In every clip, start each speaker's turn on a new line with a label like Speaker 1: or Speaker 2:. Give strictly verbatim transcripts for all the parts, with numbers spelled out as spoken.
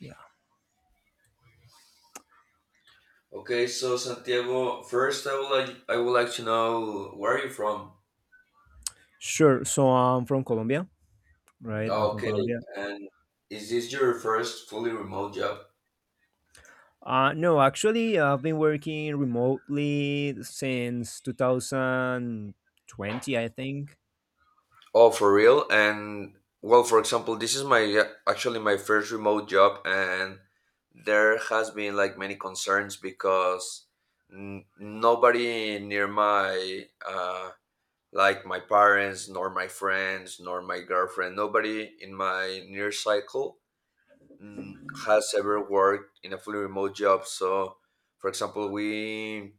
Speaker 1: Yeah.
Speaker 2: Okay, so Santiago, first I would like I would like to know where are you from?
Speaker 1: Sure. So I'm from Colombia, right? I'm from
Speaker 2: Okay,
Speaker 1: Colombia.
Speaker 2: and is this your first fully remote job?
Speaker 1: Uh, no, actually, I've been working remotely since two thousand twenty, I think.
Speaker 2: Oh, for real? And well, for example, this is my uh, actually my first remote job, and there has been like many concerns because n- nobody near my uh, like my parents, nor my friends, nor my girlfriend, nobody in my near cycle mm, has ever worked in a fully remote job. So, for example, we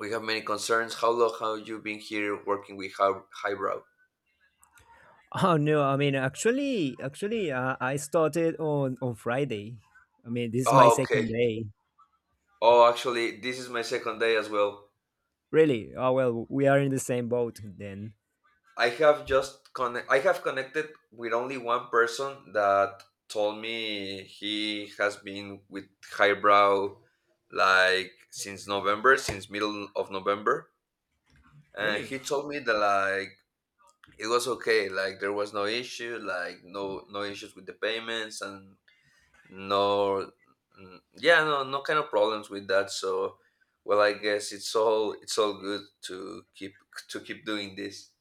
Speaker 2: we have many concerns. How long have you been here working with Hy- Hybrow?
Speaker 1: Oh no, I mean, actually, actually, uh, I started on on Friday. I mean, this is my
Speaker 2: Oh,
Speaker 1: second
Speaker 2: okay.
Speaker 1: day.
Speaker 2: Oh, actually, this is my second day as well.
Speaker 1: Really? Oh well, we are in the same boat then.
Speaker 2: I have just connect. I have connected with only one person that told me he has been with Highbrow like since November, since middle of November, and
Speaker 1: Really?
Speaker 2: he told me that like it was okay, like there was no issue, like no no issues with the payments and no, mm, yeah, no, no kind of problems with that. So well, I guess it's all it's all good to keep to keep doing this.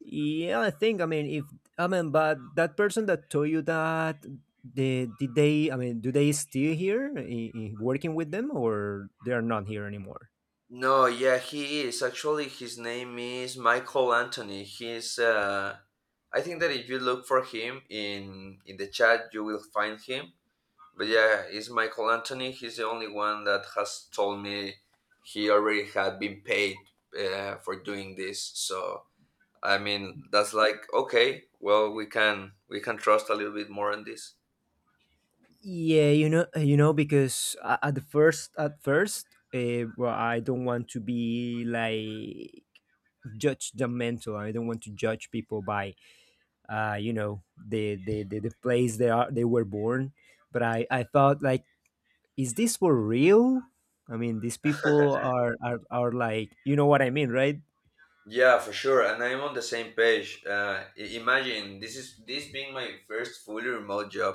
Speaker 1: Yeah, I think. I mean, if I mean, but that person that told you that, they, did they? I mean, do they still here i i working with them, or they are not here anymore?
Speaker 2: No, yeah, he is actually, his name is Michael Anthony. He's uh I think that if you look for him in in the chat you will find him. But yeah, it's Michael Anthony. He's the only one that has told me he already had been paid uh, for doing this. So I mean, that's like okay. Well, we can we can trust a little bit more on this.
Speaker 1: Yeah, you know, you know, because a- at the first, at first, uh, well, I don't want to be like judgmental. I don't want to judge people by, uh, you know, the the the, the place they are they were born. But I I thought like is this for real? I mean, these people are are, are like, you know what I mean, right?
Speaker 2: Yeah, for sure, and I'm on the same page. Uh, i- imagine this is this being my first fully remote job.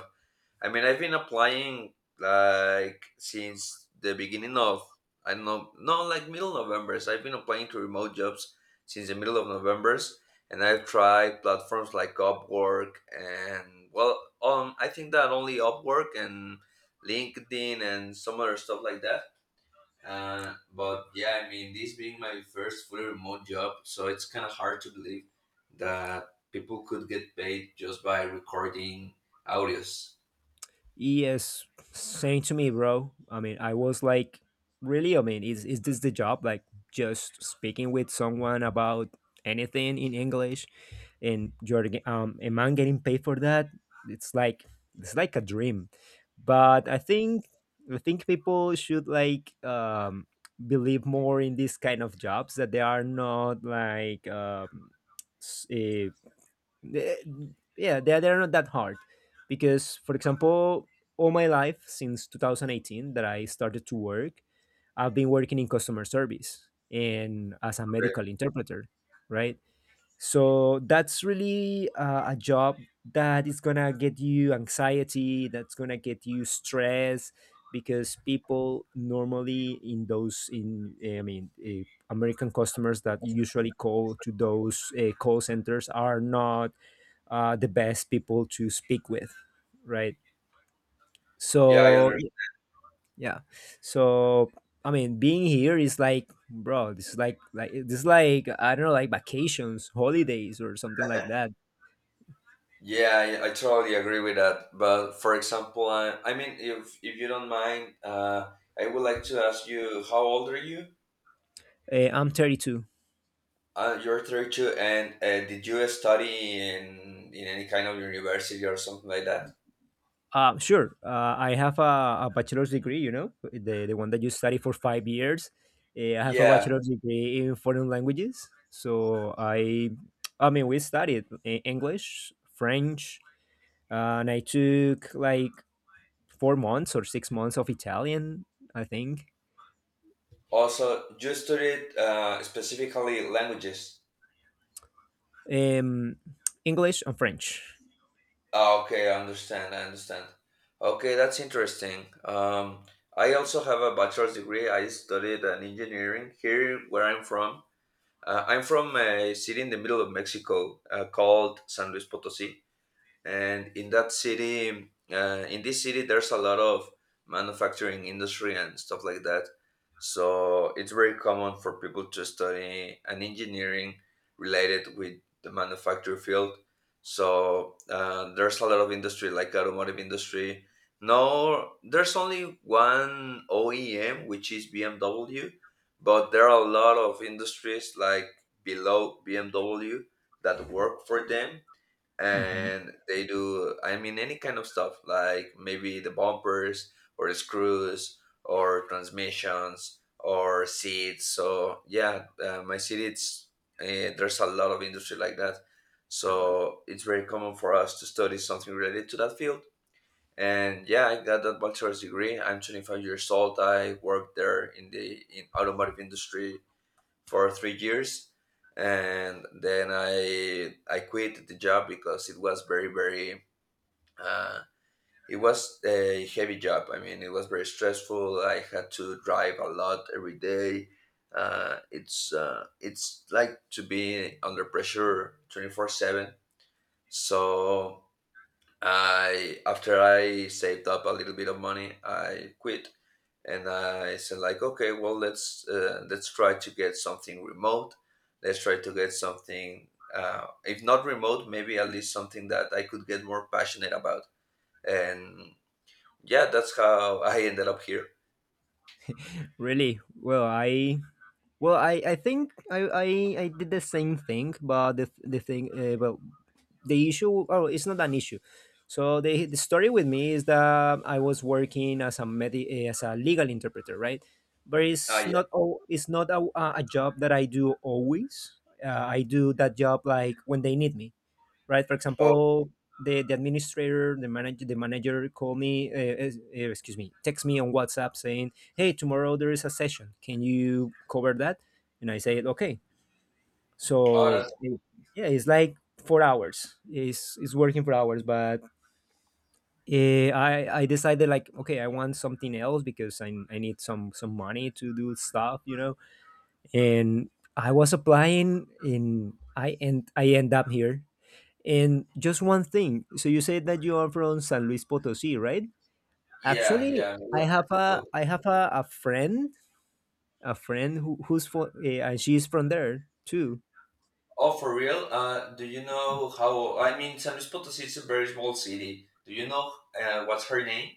Speaker 2: I mean, I've been applying like since the beginning of I don't know, no, like middle November's. I've been applying to remote jobs since the middle of November's, and I've tried platforms like Upwork and well, um, I think that only Upwork and LinkedIn and some other stuff like that. Uh, but yeah, I mean, this being my first fully remote job, so it's kind of hard to believe that people could get paid just by recording audios.
Speaker 1: Yes, same to me, bro. I mean, I was like, really? I mean, is is this the job? Like, just speaking with someone about anything in English, and you're ge- um, a man getting paid for that? It's like it's like a dream. But I think I think people should like um believe more in these kind of jobs that they are not like um, s- eh, they- yeah they, they're not that hard because for example all my life since two thousand eighteen that I started to work I've been working in customer service and as a
Speaker 2: Okay.
Speaker 1: medical interpreter, right? So that's really uh, a job that is gonna get you anxiety, that's gonna get you stress because people normally in those in eh, I mean eh, American customers that usually call to those uh, call centers are not uh, the best people to speak with, right?
Speaker 2: Yeah, I
Speaker 1: so
Speaker 2: understand.
Speaker 1: y- yeah, so I mean being here is like, bro, this is like like this is like I don't know, like vacations, holidays or something like that.
Speaker 2: Yeah, I, I totally agree with that. But for example, I, I mean, if if you don't mind, uh, I would like to ask you, how old are you?
Speaker 1: uh, I'm thirty-two.
Speaker 2: Uh, you're thirty-two, and uh, did you study in in any kind of university or something like that?
Speaker 1: Uh, sure uh, I have a, a bachelor's degree, you know, the, the one that you study for five years. uh, I have a
Speaker 2: Yeah,
Speaker 1: bachelor's degree in foreign languages, so i i mean we studied uh, English, French, uh, and I took like four months or six months of Italian, I think.
Speaker 2: also, you studied uh, specifically languages.
Speaker 1: um, English and French.
Speaker 2: Ah, okay, I understand. I understand. Okay, that's interesting. Um, I also have a bachelor's degree. I studied an engineering here where I'm from. Uh, I'm from a city in the middle of Mexico uh, called San Luis Potosí, and in that city uh, in this city there's a lot of manufacturing industry and stuff like that, so it's very common for people to study an engineering related with the manufacturing field. So uh, there's a lot of industry like automotive industry. No, there's only one OEM, which is BMW, but there are a lot of industries like below BMW that work for them,
Speaker 1: Hmm.
Speaker 2: and they do, I mean, any kind of stuff, like maybe the bumpers or the screws or transmissions or seats. So yeah, uh, my city, it's uh, there's a lot of industry like that, so it's very common for us to study something related to that field. And yeah, I got that bachelor's degree. I'm twenty-five years old. I worked there in the in automotive industry for three years, and then I I quit the job because it was very very uh, it was a heavy job. I mean, it was very stressful. I had to drive a lot every day. Uh, it's uh, it's like to be under pressure twenty four seven. So I, after I saved up a little bit of money, I quit, and I said like, okay, well, let's uh, let's try to get something remote. Let's try to get something, uh, if not remote, maybe at least something that I could get more passionate about. And yeah, that's how I ended up here.
Speaker 1: Really? Well, I well, I, I think I, I, I did the same thing, but the the thing, uh, well, the issue, oh, it's not an issue. So the the story with me is that I was working as a medi- eh, as a legal interpreter, right? But
Speaker 2: Ah,
Speaker 1: it's
Speaker 2: yeah.
Speaker 1: not all it's not a, a a job that I do always. Uh, I do that job like when they need me, right? For
Speaker 2: Oh,
Speaker 1: example, the, the administrator, the manager, the manager called me, uh, es- uh, excuse me, text me on WhatsApp saying, "Hey, tomorrow there is a session. Can you cover that?" And I said, "Okay."
Speaker 2: oh,
Speaker 1: So
Speaker 2: that's,
Speaker 1: it- yeah, it's like four hours. It's it's working for hours, but uh, I I decided like, okay, I want something else because I I need some some money to do stuff, you know, and I was applying in I end I end up here. And just one thing. So you said that you are from San Luis Potosí, right?
Speaker 2: yeah,
Speaker 1: Actually,
Speaker 2: yeah. Middle
Speaker 1: I
Speaker 2: of
Speaker 1: have a
Speaker 2: Mexico.
Speaker 1: I have a, a friend, a friend who, who's for uh, and she's from there too.
Speaker 2: Oh, for real? Uh, do you know how? I mean, San Luis Potosí is a very small city. Do you know uh, what's her name?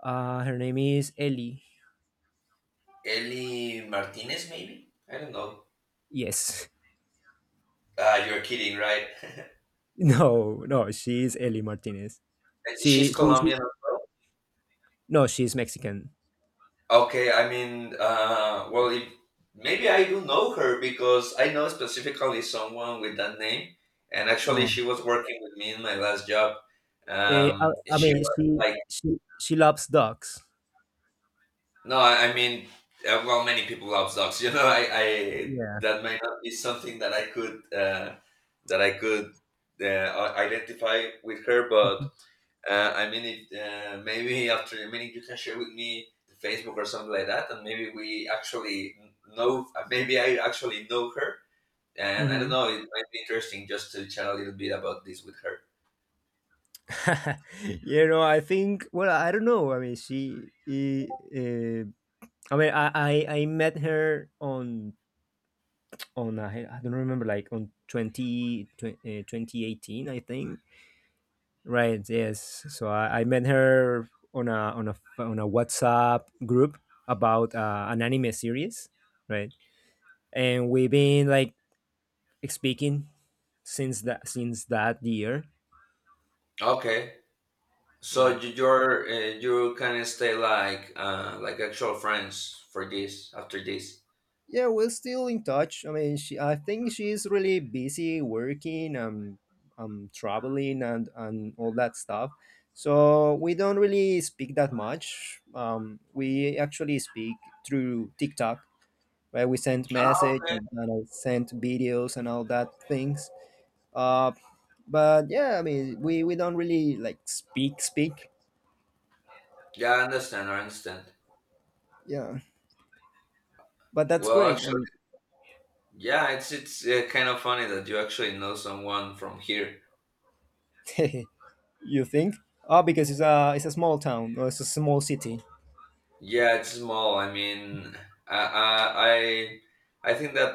Speaker 1: Uh, her name is Ellie.
Speaker 2: Eli Martinez, maybe? I don't know.
Speaker 1: Yes.
Speaker 2: Ah, you're kidding, right?
Speaker 1: No, no, she's Ellie Martinez. She,
Speaker 2: She's
Speaker 1: she, she
Speaker 2: Colombian as well.
Speaker 1: no, she's Mexican.
Speaker 2: Okay, I mean, uh, well, if, maybe I do know her because I know specifically someone with that name, and actually,
Speaker 1: Oh.
Speaker 2: she was working with me in my last job.
Speaker 1: Eh, I,
Speaker 2: Um,
Speaker 1: I
Speaker 2: she
Speaker 1: mean,
Speaker 2: was
Speaker 1: she
Speaker 2: like,
Speaker 1: she she loves dogs.
Speaker 2: no, I, I mean, uh, well, many people love dogs, you know. I, I
Speaker 1: Yeah.
Speaker 2: that might not be something that I could uh, that I could uh, identify with her. But Uh, I mean, if uh, maybe after a minute you can share with me the Facebook or something like that, and maybe we actually know, uh, maybe I actually know her, and I don't
Speaker 1: Hmm.
Speaker 2: know, it might be interesting just to chat a little bit about this with her.
Speaker 1: You know, I think, well, I don't know. I mean, she. Uh, I mean, I, I I met her on on uh, I don't remember like on twenty, twen- uh, twenty eighteen, I think. Right. Yes. So I, I met her on a on a on a WhatsApp group about uh, an anime series, right? And we've been like speaking since that since that year,
Speaker 2: Okay, so
Speaker 1: right?
Speaker 2: you- you're uh, you can stay like uh, like actual friends for this after this.
Speaker 1: Yeah, we're still in touch. I mean, she, I think she's really busy working and um, traveling and, and all that stuff. So we don't really speak that much. Um, we actually speak through TikTok, where we send
Speaker 2: Ah,
Speaker 1: message
Speaker 2: okay.
Speaker 1: and, and I send videos and all that things. Uh, but yeah, I mean, we, we don't really like speak speak.
Speaker 2: Yeah, I understand. I understand.
Speaker 1: Yeah, but that's
Speaker 2: Well,
Speaker 1: great. I
Speaker 2: actually, yeah, it's it's uh, kind of funny that you actually know someone from here.
Speaker 1: mean, you think? Oh, because it's a it's a small town, or it's a small city.
Speaker 2: Yeah, it's small. I mean, I I I I think that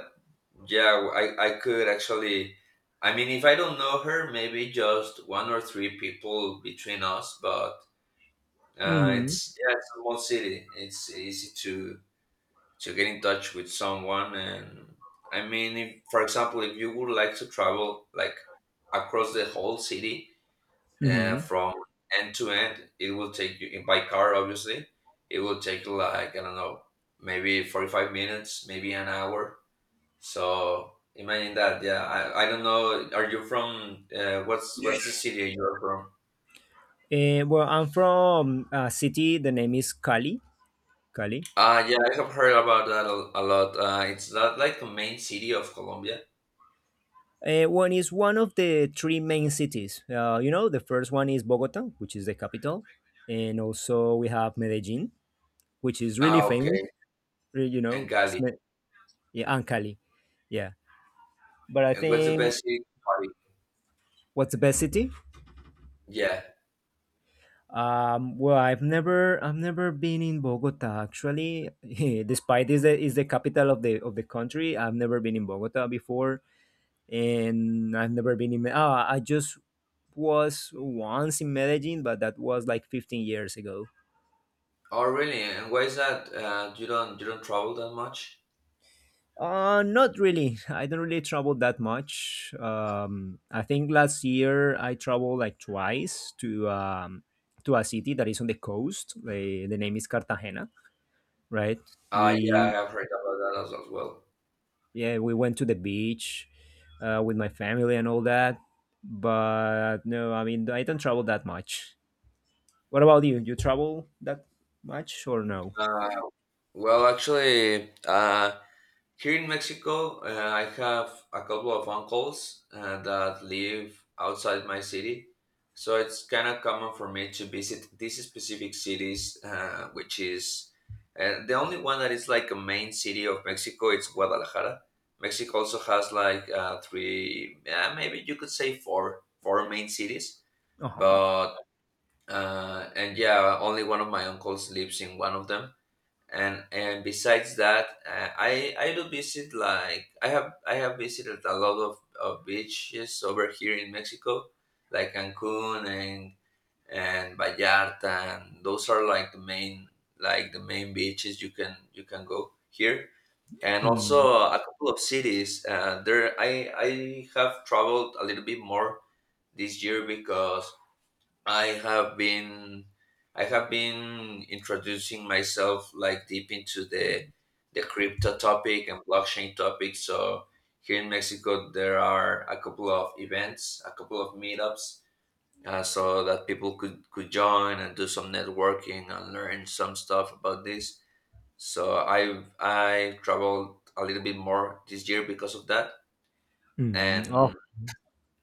Speaker 2: yeah, I I could actually. I mean, if I don't know her, maybe just one or three people between us. But uh,
Speaker 1: Mm-hmm.
Speaker 2: it's yeah, it's a small city. It's easy to to get in touch with someone. And I mean, if for example, if you would like to travel like across the whole city, uh,
Speaker 1: Mm-hmm.
Speaker 2: from end to end. It will take you by car, obviously. It will take like I don't know, maybe forty-five minutes, maybe an hour. So imagine that. Yeah, I, I don't know. Are you from uh, what's
Speaker 1: Yeah.
Speaker 2: what's the city you're from?
Speaker 1: Uh, well, I'm from a city. The name is Cali. Cali.
Speaker 2: Uh, yeah, I have heard about that a, a lot. Uh, it's not like the main city of Colombia.
Speaker 1: Uh, one is one of the three main cities. Uh, you know, the first one is Bogota, which is the capital, and also we have Medellin, which is really
Speaker 2: Ah,
Speaker 1: famous.
Speaker 2: okay.
Speaker 1: re- You
Speaker 2: And
Speaker 1: know, it's
Speaker 2: Cali.
Speaker 1: me- yeah, and Cali. Yeah, but I
Speaker 2: And what's the
Speaker 1: think
Speaker 2: best city to party?
Speaker 1: what's the best city?
Speaker 2: Yeah.
Speaker 1: Um, well, I've never, I've never been in Bogota actually. Despite this, is the capital of the of the country. I've never been in Bogota before, and I've never been in. Me- Ah, I just was once in Medellin, but that was like fifteen years ago.
Speaker 2: Oh, really? And why is that? Uh, you don't you don't travel that much?
Speaker 1: Uh, not really. I don't really travel that much. Um, I think last year I traveled like twice to um, to a city that is on the coast. The, the name is Cartagena, right?
Speaker 2: Uh, yeah, I
Speaker 1: We
Speaker 2: have heard about that as, as well.
Speaker 1: yeah, we went to the beach uh, with my family and all that. But no, I mean I don't travel that much. What about you? You travel that much or no?
Speaker 2: Uh, well, actually, uh, here in Mexico, uh, I have a couple of uncles uh, that live outside my city. So it's kind of common for me to visit these specific cities, uh, which is uh, the only one that is like a main city of Mexico. It's Guadalajara. Mexico also has like uh, three, uh, maybe you could say four, four main cities.
Speaker 1: Uh huh.
Speaker 2: But uh, and yeah, only one of my uncles lives in one of them. and and besides that, uh, i i do visit, like, i have i have visited a lot of, of beaches over here in Mexico, like Cancun and and Vallarta, and those are like the main, like the main beaches you can you can go here. And also
Speaker 1: Mm,
Speaker 2: a couple of cities uh, there, i i have traveled a little bit more this year because I have been I have been introducing myself like deep into the the crypto topic and blockchain topic. So here in Mexico, there are a couple of events, a couple of meetups, uh, so that people could could join and do some networking and learn some stuff about this. So I've I traveled a little bit more this year because of that,
Speaker 1: mm,
Speaker 2: and
Speaker 1: oh,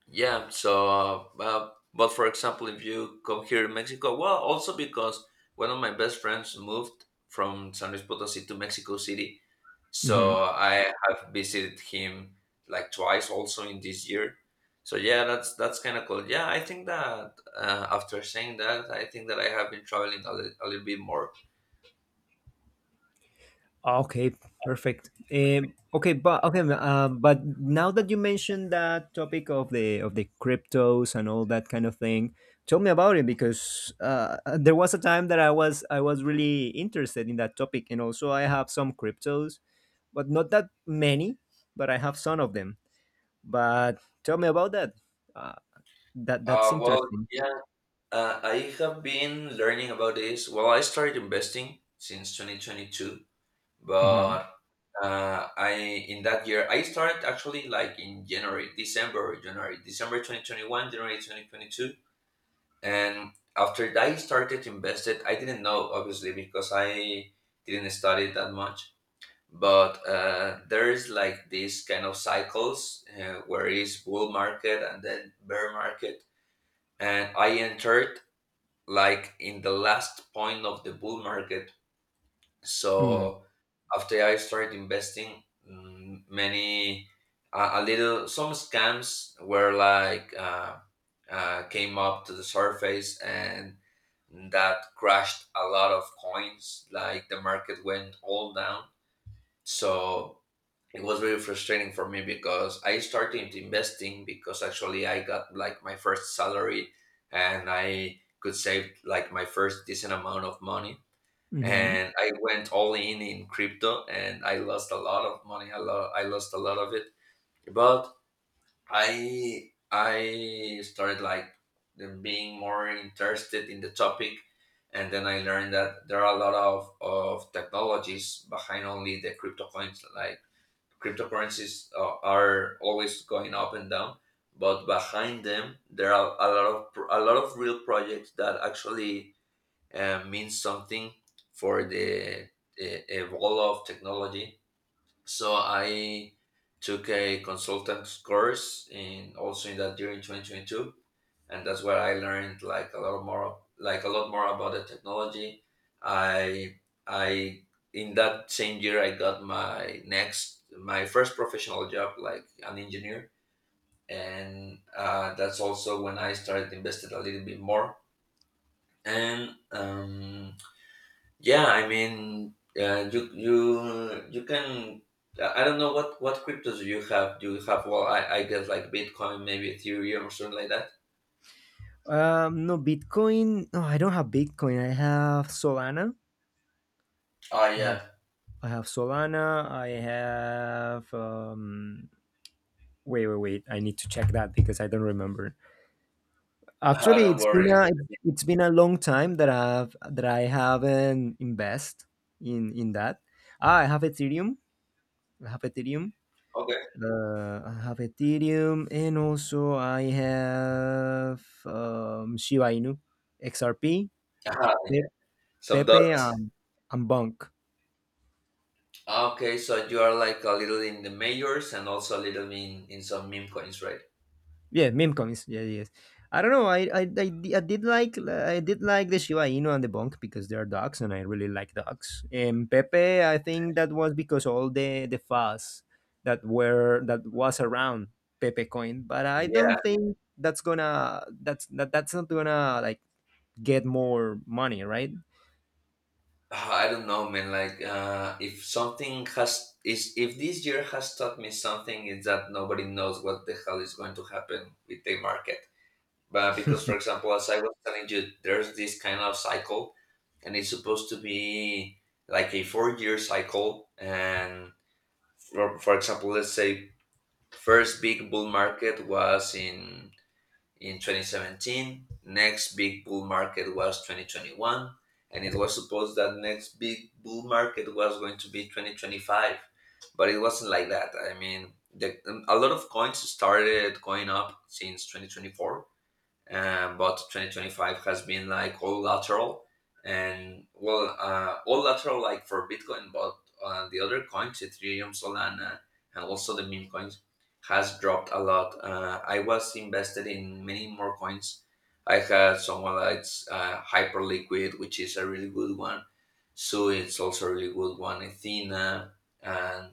Speaker 2: yeah, so, uh, uh, but for example, if you come here in Mexico, well, also because one of my best friends moved from San Luis Potosí to Mexico City,
Speaker 1: hmm,
Speaker 2: so I have visited him like twice also in this year. So yeah, that's that's kind of cool. Yeah, I think that uh, after saying that, I think that I have been traveling a, li- a little bit more.
Speaker 1: okay, perfect. Um, okay, but okay, um, but now that you mentioned that topic of the of the cryptos and all that kind of thing, tell me about it because uh, uh, there was a time that I was I was really interested in that topic, and also I have some cryptos, but not that many, but I have some of them. But tell me about that. Uh, that that's
Speaker 2: Uh, well,
Speaker 1: interesting.
Speaker 2: yeah, uh, I have been learning about this. Well, I started investing since twenty twenty-two,
Speaker 1: Mm-hmm.
Speaker 2: but Uh, I in that year I started actually like in January, December, January, December twenty twenty-one, January twenty twenty-two, and after that I started to invest it. I didn't know obviously because I didn't study that much, but uh, there is like these kind of cycles uh, where is bull market and then bear market, and I entered like in the last point of the bull market.
Speaker 1: Mm.
Speaker 2: So after I started investing, mm, many a, a little some scams were like uh, uh, came up to the surface and that crashed a lot of coins. Like the market went all down. So it was very frustrating for me because I started investing because actually I got like my first salary and I could save like my first decent amount of money,
Speaker 1: Hmm.
Speaker 2: and I went all in in crypto, and I lost a lot of money. A lot, I lost a lot of it, but I I started like being more interested in the topic, and then I learned that there are a lot of of technologies behind only the crypto coins. Like cryptocurrencies uh, are always going up and down. But behind them, there are a lot of a lot of real projects that actually uh, means something for the uh, role of technology. So I took a consultant course in also in that year in twenty twenty-two, and that's where I learned like a lot more like a lot more about the technology. I I In that same year I got my next my first professional job like an engineer and uh, that's also when I started invested a little bit more and um, yeah, I mean, uh, you you you can. I I don't know what what cryptos you have. Do you have? Well, I I guess like Bitcoin, maybe Ethereum or something like that.
Speaker 1: Um, no, Bitcoin. No, I don't have Bitcoin. I have Solana.
Speaker 2: Oh
Speaker 1: I have
Speaker 2: yeah.
Speaker 1: I have Solana. I have. Um, wait, wait, wait. I need to check that because I don't remember.
Speaker 2: Uh,
Speaker 1: Actually,
Speaker 2: don't
Speaker 1: it's been
Speaker 2: worry.
Speaker 1: a it's been a long time that I've that I haven't invest in in that. Ah, I have Ethereum. I have Ethereum.
Speaker 2: Okay.
Speaker 1: Uh, I have Ethereum, and also I have um, Shiba Inu, X R P.
Speaker 2: uh Some
Speaker 1: Pepe
Speaker 2: dots.
Speaker 1: um and Bunk.
Speaker 2: Ah, okay, so you are like a little in the majors and also a little in in some meme coins, right?
Speaker 1: Yeah, meme comics. Yeah, yes. I don't know. I, I I di- I did like I did like the Shiba Inu and the Bunk because they are dogs, and I really like dogs. And Pepe, I think that was because all the the fuss that were that was around Pepe coin, but I
Speaker 2: Yeah,
Speaker 1: don't think that's gonna that's that that's not gonna like get more money, right?
Speaker 2: ah, I don't know, man. Like, uh, if something has is if this year has taught me something, it's that nobody knows what the hell is going to happen with the market. But because, for example, as I was telling you, there's this kind of cycle, and it's supposed to be like a four-year cycle. And for, for example, let's say first big bull market was in in twenty seventeen. Next big bull market was twenty twenty-one, and it was supposed that next big bull market was going to be twenty twenty-five, but it wasn't like that. I mean, the, a lot of coins started going up since twenty twenty-four, um, but twenty twenty-five has been like all lateral. And well, uh, all lateral like for Bitcoin, but uh, the other coins, Ethereum, Solana, and also the meme coins has dropped a lot. uh, I was invested in many more coins. I had someone that's uh, Hyperliquid, which is a really good one. So it's also a really good one, Athena, and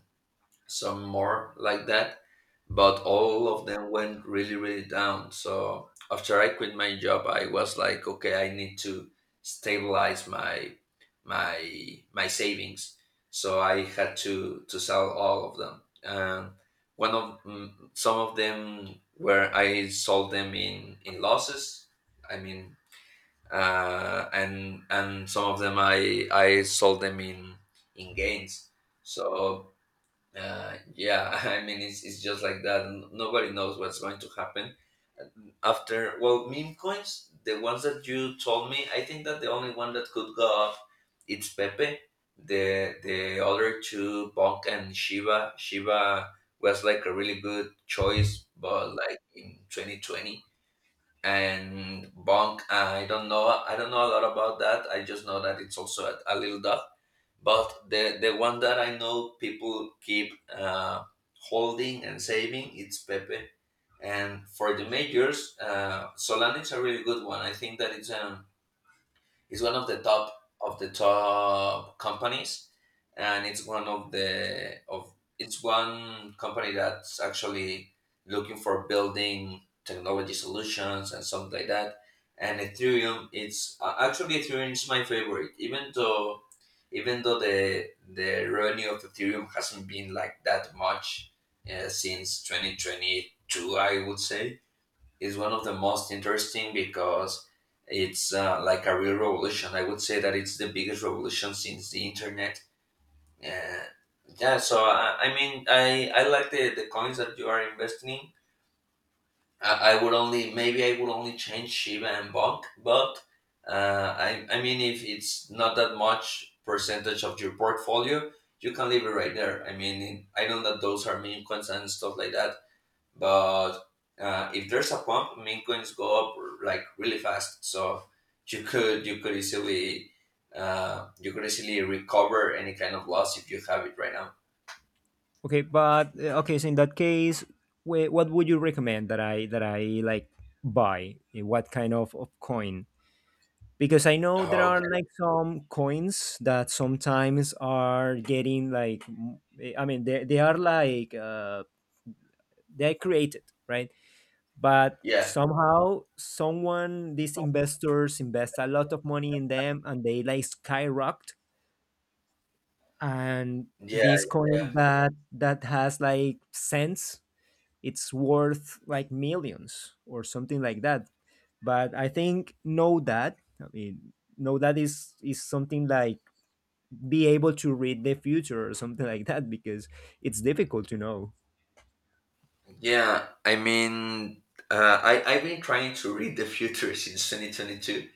Speaker 2: some more like that, but all of them went really, really down. So after I quit my job, I was like, okay, I need to stabilize my my my savings. So I had to to sell all of them. And one of mm, some of them where I sold them in in losses. I mean, uh, and and some of them I I sold them in in gains. So uh, yeah, I mean it's, it's just like that. N- Nobody knows what's going to happen after. Well, meme coins, the ones that you told me, I think that the only one that could go up, it's Pepe. The the other two, Bonk and Shiba. Shiba was like a really good choice, but like in twenty twenty, and Bonk. I don't know. I don't know a lot about that. I just know that it's also a, a little dog. But the the one that I know people keep uh, holding and saving it's Pepe. And for the majors, uh, Solana is a really good one. I think that it's um, it's one of the top of the top companies, and it's one of the of it's one company that's actually looking for building technology solutions and something like that. And Ethereum, it's uh, actually Ethereum is my favorite, even though even though the the revenue of Ethereum hasn't been like that much uh, since twenty twenty-two, I would say is one of the most interesting because it's uh, like a real revolution. I would say that it's the biggest revolution since the internet. Uh, yeah, so I, I mean, I, I like the, the coins that you are investing in. I, I would only, maybe I would only change Shiba and Bonk, but uh, I, I mean, if it's not that much percentage of your portfolio, you can leave it right there. I mean, I know that those are meme coins and stuff like that, but uh, if there's a pump, meme coins go up like really fast. So you could you could easily uh, you could easily recover any kind of loss if you have it right now.
Speaker 1: Okay, but uh, okay. So in that case, wh- what would you recommend that I that I like buy? Eh, what kind of, of coin? Because I know there are
Speaker 2: Okay.
Speaker 1: like some coins that sometimes are getting like m- eh, I mean they they are like uh, they're created, right, but
Speaker 2: Yeah.
Speaker 1: somehow someone, these investors invest a lot of money in them, and they like skyrocket, and
Speaker 2: Yeah.
Speaker 1: this
Speaker 2: Yeah.
Speaker 1: coin that that has like cents, it's worth like millions or something like that. But I think know that, I mean know that is is something like be able to read the future or something like that because it's difficult to know.
Speaker 2: Yeah. I mean, uh, I I've been trying to read the future since twenty twenty-two,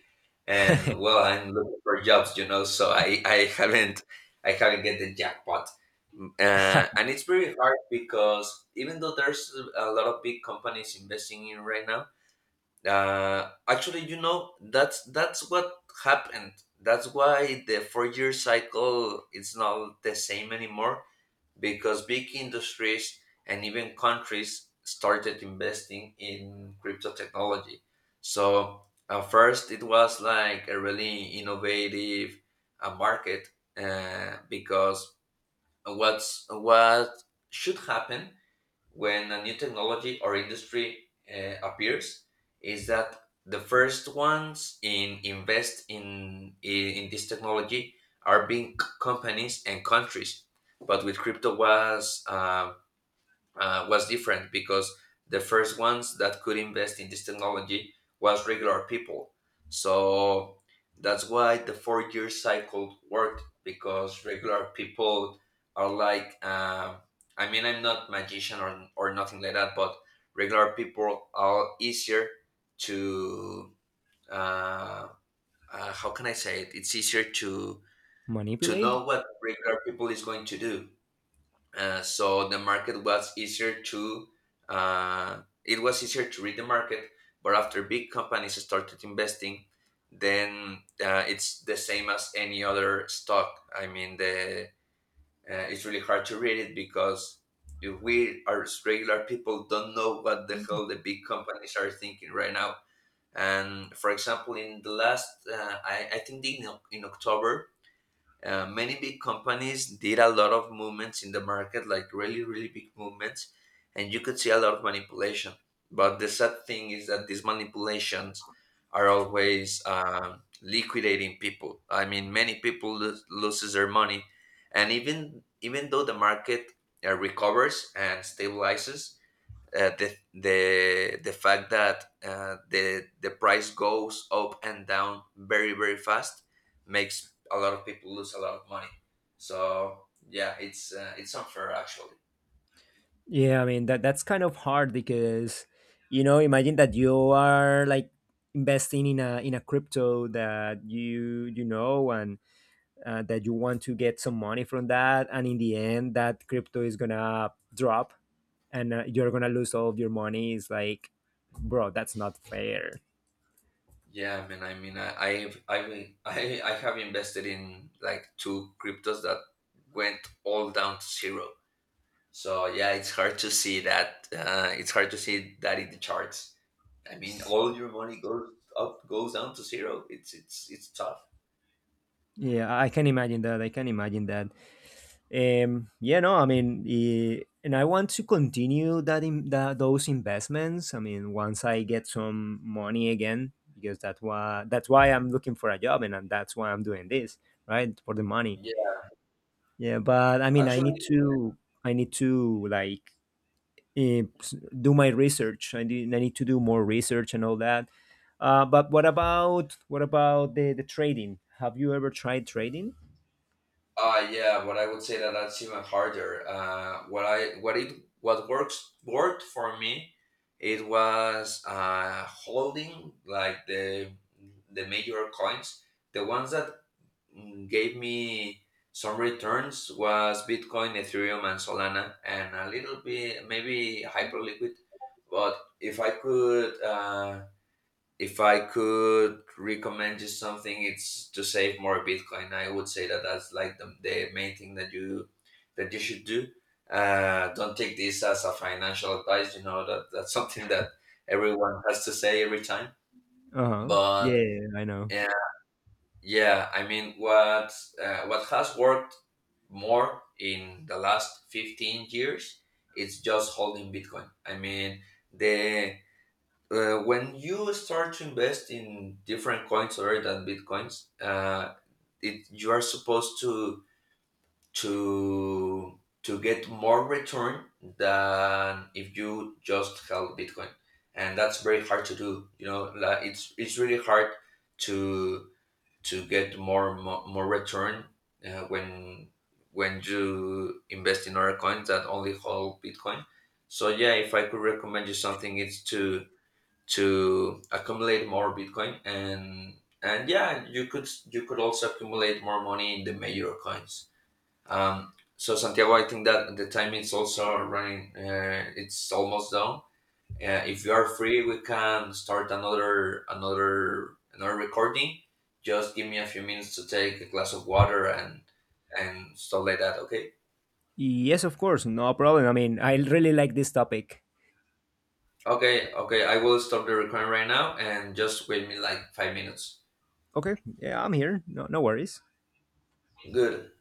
Speaker 2: and well, I'm looking for jobs, you know. So I I haven't I haven't get the jackpot. Uh, and it's very hard because even though there's a lot of big companies investing in right now, uh, actually, you know, that's that's what happened. That's why the four-year cycle is not the same anymore because big industries and even countries started investing in crypto technology. So at first, it was like a really innovative uh, market uh, because what's what should happen when a new technology or industry uh, appears is that the first ones in invest in, in in this technology are being c- companies and countries, but with crypto was um, uh, was different because the first ones that could invest in this technology was regular people. So that's why the four year cycle worked because regular people are like, uh, I mean, I'm not magician or, or nothing like that, but regular people are easier to, uh, uh, how can I say it? It's easier to to
Speaker 1: Manipulate?
Speaker 2: know what regular people is going to do. Uh, so the market was easier to uh, it was easier to read the market, but after big companies started investing, then uh, it's the same as any other stock. I mean the uh, it's really hard to read it because if we as regular people don't know what the hell the big companies are thinking right now. And for example, in the last uh, I, I think in, in October, uh, many big companies did a lot of movements in the market, like really, really big movements, and you could see a lot of manipulation. But the sad thing is that these manipulations are always um, liquidating people. I mean, many people lo- loses their money, and even even though the market uh, recovers and stabilizes, uh, the the the fact that uh, the the price goes up and down very very fast makes a lot of people lose a lot of money. So yeah, it's uh, it's unfair actually.
Speaker 1: Yeah, I mean that that's kind of hard because you know, imagine that you are like investing in a in a crypto that you you know and uh, that you want to get some money from that, and in the end that crypto is gonna drop and uh, you're gonna lose all of your money. Is like, bro, that's not fair.
Speaker 2: Yeah, man. I mean, I I've, I I I have invested in like two cryptos that went all down to zero. So yeah, it's hard to see that. Uh, it's hard to see that in the charts. I mean, all your money goes up, goes down to zero. It's it's it's tough.
Speaker 1: Yeah, I can imagine that. I can imagine that. Um, yeah, no, I mean, eh, and I want to continue that in that those investments. I mean, once I get some money again, because that's why that's why I'm looking for a job, and, and that's why I'm doing this, right? For the money. Yeah, but I mean, I need
Speaker 2: Actually,
Speaker 1: to, I need to like eh, s- do my research. I need, I need to do more research and all that. Uh, but what about what about the the trading? Have you ever tried trading?
Speaker 2: uh, yeah, but I would say that that's even harder. Uh, what I what it what works worked for me, it was uh, holding like the the major coins. The ones that mm, gave me some returns was Bitcoin, Ethereum, and Solana, and a little bit maybe Hyperliquid. But if I could uh, if I could recommend you something, it's to save more Bitcoin. I would say that that's like the, the main thing that you that you should do. Uh, don't take this as a financial advice. You know that that's something that everyone has to say every time.
Speaker 1: Uh huh.
Speaker 2: But
Speaker 1: Yeah, I know.
Speaker 2: uh, yeah, I mean, what uh, what has worked more in the last fifteen years? It's just holding Bitcoin. I mean, the uh, when you start to invest in different coins other than bitcoins, uh, it, you are supposed to to to get more return than if you just held Bitcoin, and that's very hard to do, you know. Like it's it's really hard to to get more more, more return uh, when when you invest in other coins that only hold Bitcoin. So yeah, if I could recommend you something, it's to to accumulate more Bitcoin. and and yeah, you could you could also accumulate more money in the major coins. Um, so Santiago, I think that the time is also running. Uh, it's almost done. Uh, if you are free, we can start another another another recording. Just give me a few minutes to take a glass of water and and stuff like that. Okay.
Speaker 1: Yes, of course, no problem. I mean, I really like this topic.
Speaker 2: Okay. Okay. I will stop the recording right now and just wait me like five minutes.
Speaker 1: Okay, yeah, I'm here. No, no worries.
Speaker 2: Good.